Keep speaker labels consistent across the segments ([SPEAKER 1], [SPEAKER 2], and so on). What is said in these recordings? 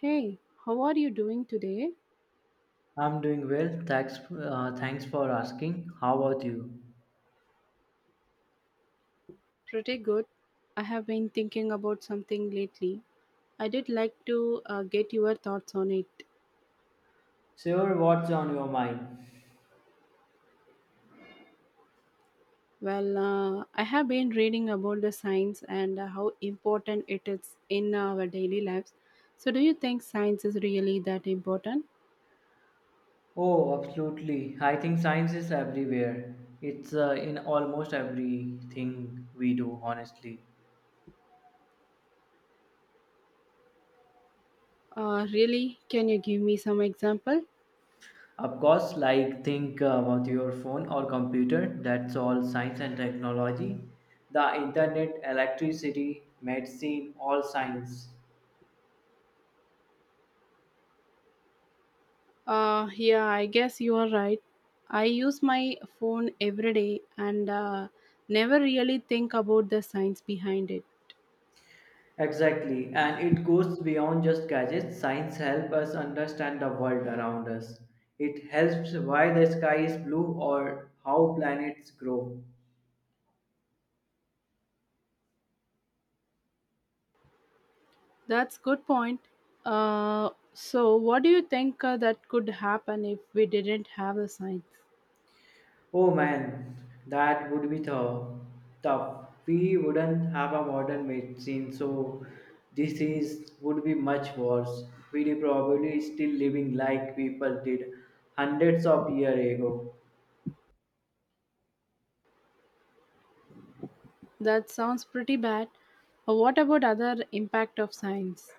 [SPEAKER 1] Hey, how are you doing today?
[SPEAKER 2] I'm doing well. Thanks, thanks for asking. How about you?
[SPEAKER 1] Pretty good. I have been thinking about something lately. I did like to get your thoughts on it.
[SPEAKER 2] Sure, what's on your mind?
[SPEAKER 1] I have been reading about the science and how important it is in our daily lives. So, do you think science is really that important?
[SPEAKER 2] Oh, absolutely. I think science is everywhere. It's in almost everything we do, honestly.
[SPEAKER 1] Really? Can you give me some example?
[SPEAKER 2] Of course, like think about your phone or computer. That's all science and technology. The internet, electricity, medicine, all science.
[SPEAKER 1] Yeah, I guess you are right. I use my phone every day and never really think about the science behind it.
[SPEAKER 2] Exactly, and it goes beyond just gadgets. Science helps us understand the world around us. It helps why the sky is blue or how planets grow.
[SPEAKER 1] That's good point. What do you think that could happen if we didn't have the science?
[SPEAKER 2] Oh man, that would be tough. Tough. We wouldn't have a modern medicine, so disease would be much worse. We'd probably still living like people did hundreds of years ago.
[SPEAKER 1] That sounds pretty bad. What about other impact of science?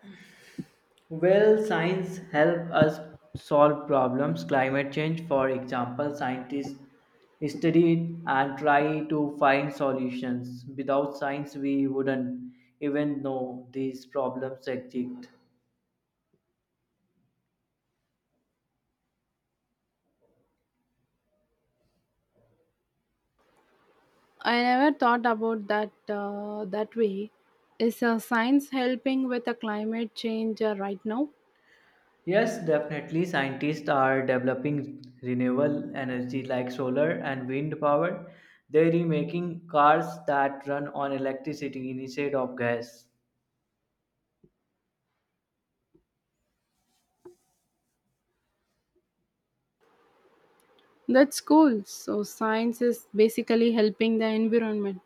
[SPEAKER 2] Well, science help us solve problems. Climate change, for example, scientists study it and try to find solutions. Without science, we wouldn't even know these problems exist.
[SPEAKER 1] I never thought about that that way. Is science helping with the climate change right now?
[SPEAKER 2] Yes, definitely, scientists are developing renewable energy like solar and wind power. They're making cars that run on electricity instead of gas.
[SPEAKER 1] That's cool. So science is basically helping the environment.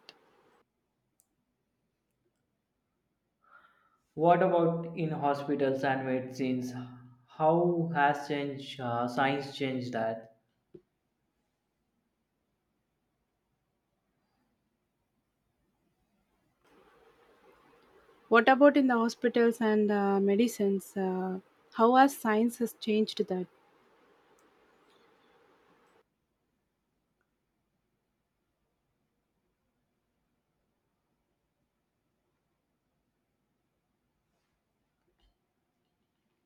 [SPEAKER 2] What about in hospitals and medicines? How has change, science changed that?
[SPEAKER 1] What about in the hospitals and medicines? How has science has changed that?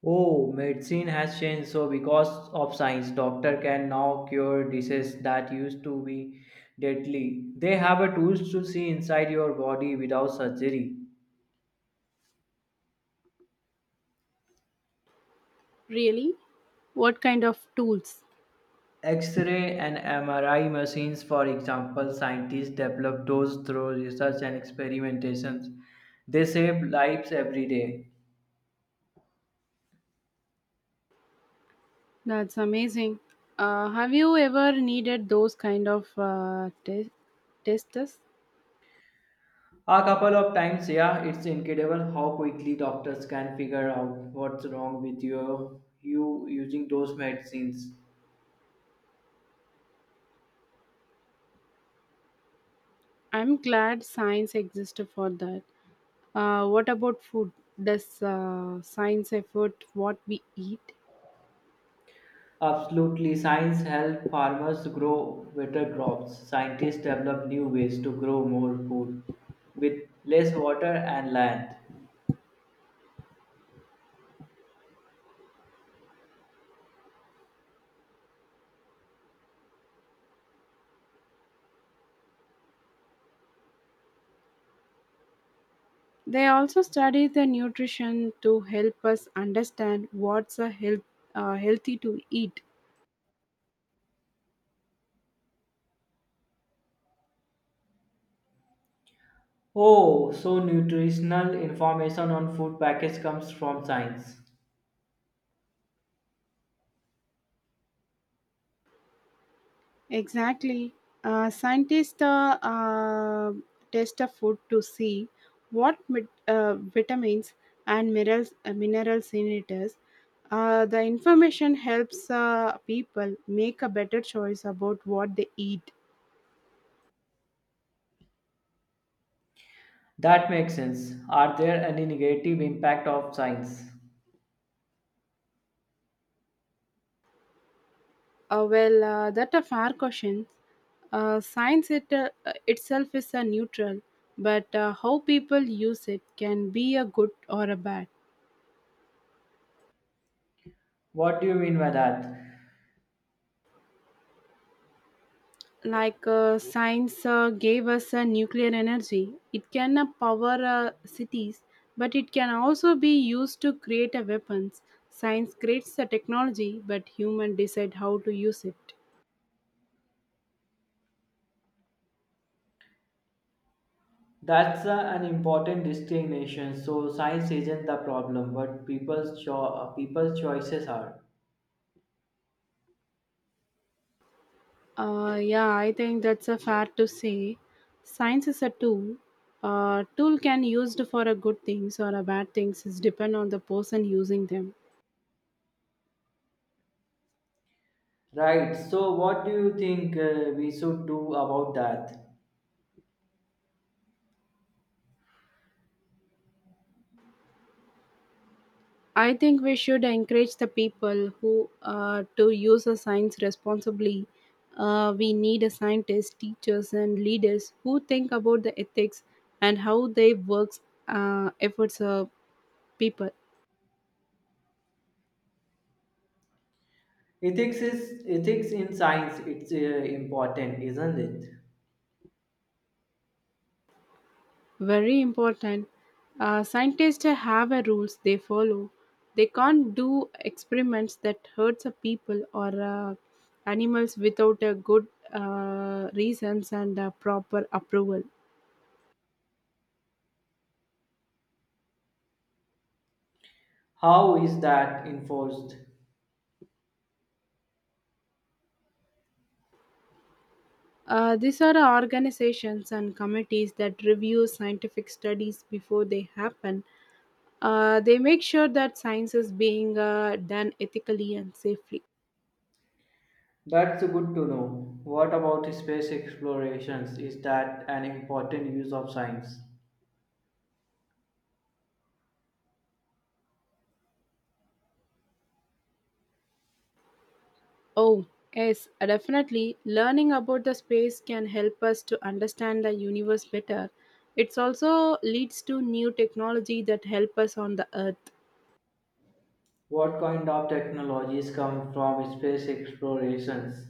[SPEAKER 2] Oh, medicine has changed. So because of science, doctor can now cure diseases that used to be deadly. They have a tools to see inside your body without surgery.
[SPEAKER 1] Really? What kind of tools?
[SPEAKER 2] X-ray and MRI machines, for example, scientists develop those through research and experimentations. They save lives every day.
[SPEAKER 1] That's amazing. Have you ever needed those kind of testers?
[SPEAKER 2] A couple of times, yeah, it's incredible how quickly doctors can figure out what's wrong with you using those medicines.
[SPEAKER 1] I'm glad science exists for that. What about food? Does science effort what we eat?
[SPEAKER 2] Absolutely, science helps farmers grow better crops. Scientists develop new ways to grow more food with less water and land.
[SPEAKER 1] They also study the nutrition to help us understand what's a health, healthy to eat.
[SPEAKER 2] Oh, so nutritional information on food package comes from science.
[SPEAKER 1] Exactly. Scientists test a food to see what vitamins and minerals, minerals in it is. The information helps people make a better choice about what they eat.
[SPEAKER 2] That makes sense. Are there any negative impact of science?
[SPEAKER 1] That a fair question. Science, itself is a neutral, but how people use it can be a good or a bad.
[SPEAKER 2] What do you mean by that?
[SPEAKER 1] Like science gave us nuclear energy. It can power cities, but it can also be used to create weapons. Science creates the technology, but human decide how to use it.
[SPEAKER 2] That's an important distinction. So science isn't the problem, but people's choices are.
[SPEAKER 1] Yeah, I think that's a fair to say. Science is a tool. Tool can used for a good things or a bad things is depend on the person using them.
[SPEAKER 2] Right. So what do you think we should do about that?
[SPEAKER 1] I think we should encourage the people who to use the science responsibly. We need a scientist, teachers, and leaders who think about the ethics and how they works efforts of people.
[SPEAKER 2] Ethics is ethics in science. It's important, isn't it?
[SPEAKER 1] Very important. Scientists have a rules they follow. They can't do experiments that hurts the people or animals without a good reasons and proper approval.
[SPEAKER 2] How is that enforced?
[SPEAKER 1] These are the organizations and committees that review scientific studies before they happen. They make sure that science is being done ethically and safely.
[SPEAKER 2] That's good to know. What about space explorations? Is that an important use of science?
[SPEAKER 1] Oh, yes, definitely. Learning about the space can help us to understand the universe better. It also leads to new technology that help us on the earth.
[SPEAKER 2] What kind of technologies come from space explorations?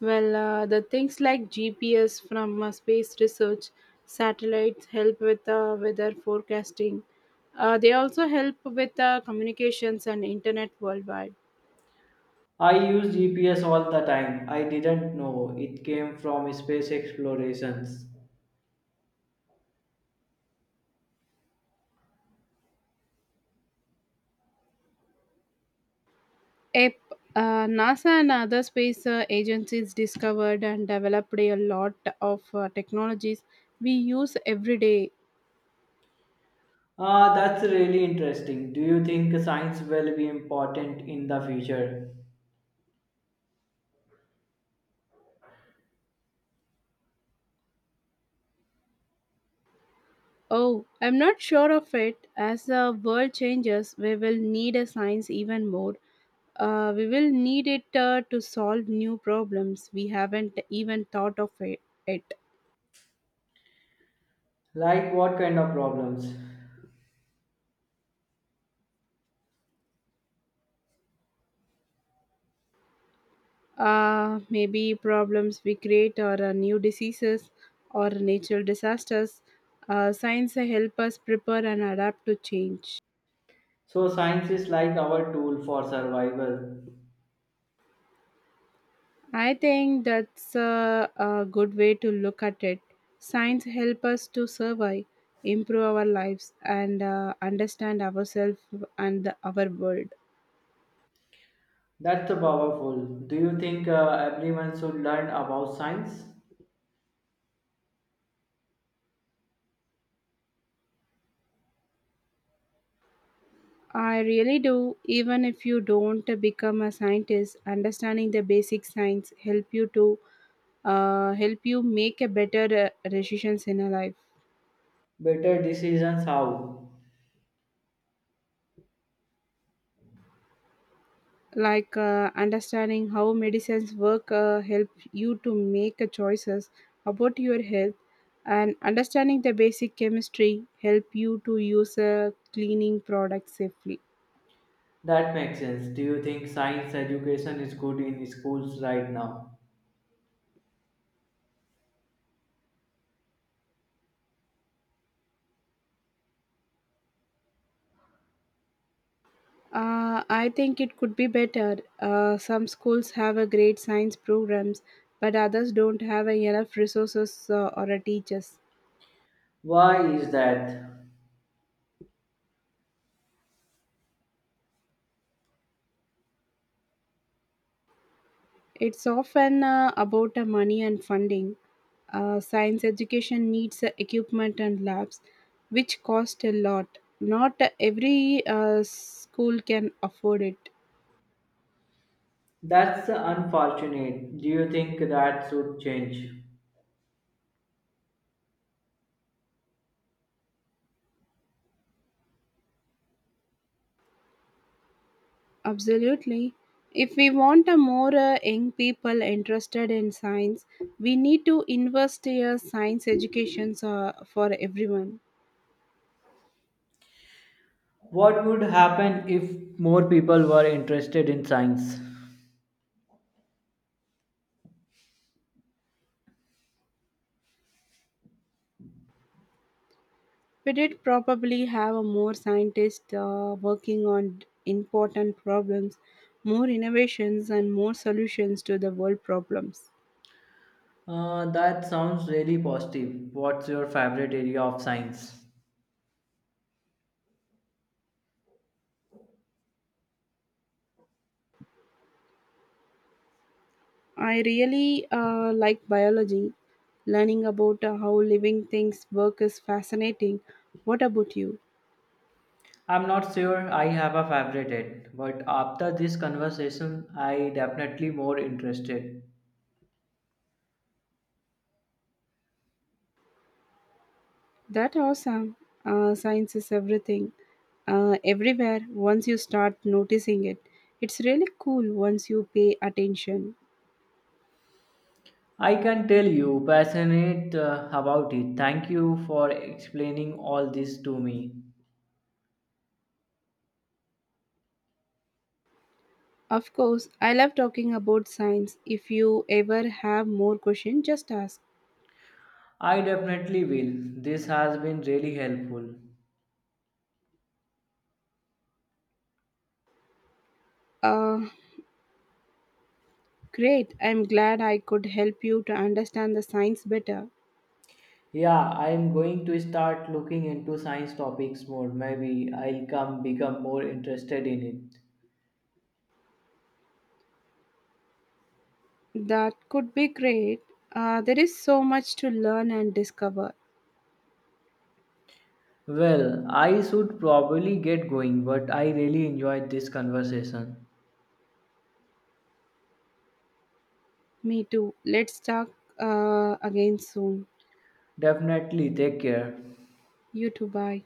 [SPEAKER 1] The things like GPS from space research, satellites help with weather forecasting. They also help with communications and internet worldwide.
[SPEAKER 2] I use GPS all the time. I didn't know it came from space explorations.
[SPEAKER 1] Yep, NASA and other space agencies discovered and developed a lot of technologies we use every day.
[SPEAKER 2] Ah, that's really interesting. Do you think science will be important in the future?
[SPEAKER 1] Oh, I'm not sure of it. As the world changes, we will need a science even more. We will need it to solve new problems we haven't even thought of it.
[SPEAKER 2] Like what kind of problems?
[SPEAKER 1] Maybe problems we create or new diseases or natural disasters. Science help us prepare and adapt to change.
[SPEAKER 2] So science is like our tool for survival.
[SPEAKER 1] I think that's a good way to look at it. Science help us to survive, improve our lives, and understand ourselves and our world.
[SPEAKER 2] That's powerful. Do you think everyone should learn about science?
[SPEAKER 1] I really do. Even if you don't become a scientist, understanding the basic science help you to help you make a better decisions in your life.
[SPEAKER 2] Better decisions how?
[SPEAKER 1] Like understanding how medicines work help you to make choices about your health, and understanding the basic chemistry help you to use cleaning products safely.
[SPEAKER 2] That makes sense. Do you think science education is good in schools right now?
[SPEAKER 1] I think it could be better. Some schools have a great science programs, but others don't have enough resources or teachers.
[SPEAKER 2] Why is that?
[SPEAKER 1] It's often about money and funding. Science education needs equipment and labs, which cost a lot. Not every school can afford it.
[SPEAKER 2] That's unfortunate. Do you think that should change?
[SPEAKER 1] Absolutely. If we want a more young people interested in science, we need to invest in a science education for everyone.
[SPEAKER 2] What would happen if more people were interested in science?
[SPEAKER 1] We did probably have a more scientists working on important problems, more innovations, and more solutions to the world problems.
[SPEAKER 2] That sounds really positive. What's your favorite area of science?
[SPEAKER 1] I really like biology. Learning about how living things work is fascinating. What about you?
[SPEAKER 2] I'm not sure I have a favorite yet, but after this conversation, I definitely more interested.
[SPEAKER 1] That awesome. Science is everything, everywhere. Once you start noticing it, it's really cool once you pay attention.
[SPEAKER 2] I can tell you passionate about it. Thank you for explaining all this to me.
[SPEAKER 1] Of course, I love talking about science. If you ever have more questions, just ask.
[SPEAKER 2] I definitely will. This has been really helpful.
[SPEAKER 1] Uh, Great. I'm glad I could help you to understand the science better.
[SPEAKER 2] Yeah, I'm going to start looking into science topics more. Maybe I'll come become more interested in it.
[SPEAKER 1] That could be great. There is so much to learn and discover.
[SPEAKER 2] Well, I should probably get going, but I really enjoyed this conversation.
[SPEAKER 1] Me too. Let's talk again soon.
[SPEAKER 2] Definitely take care.
[SPEAKER 1] You too. Bye.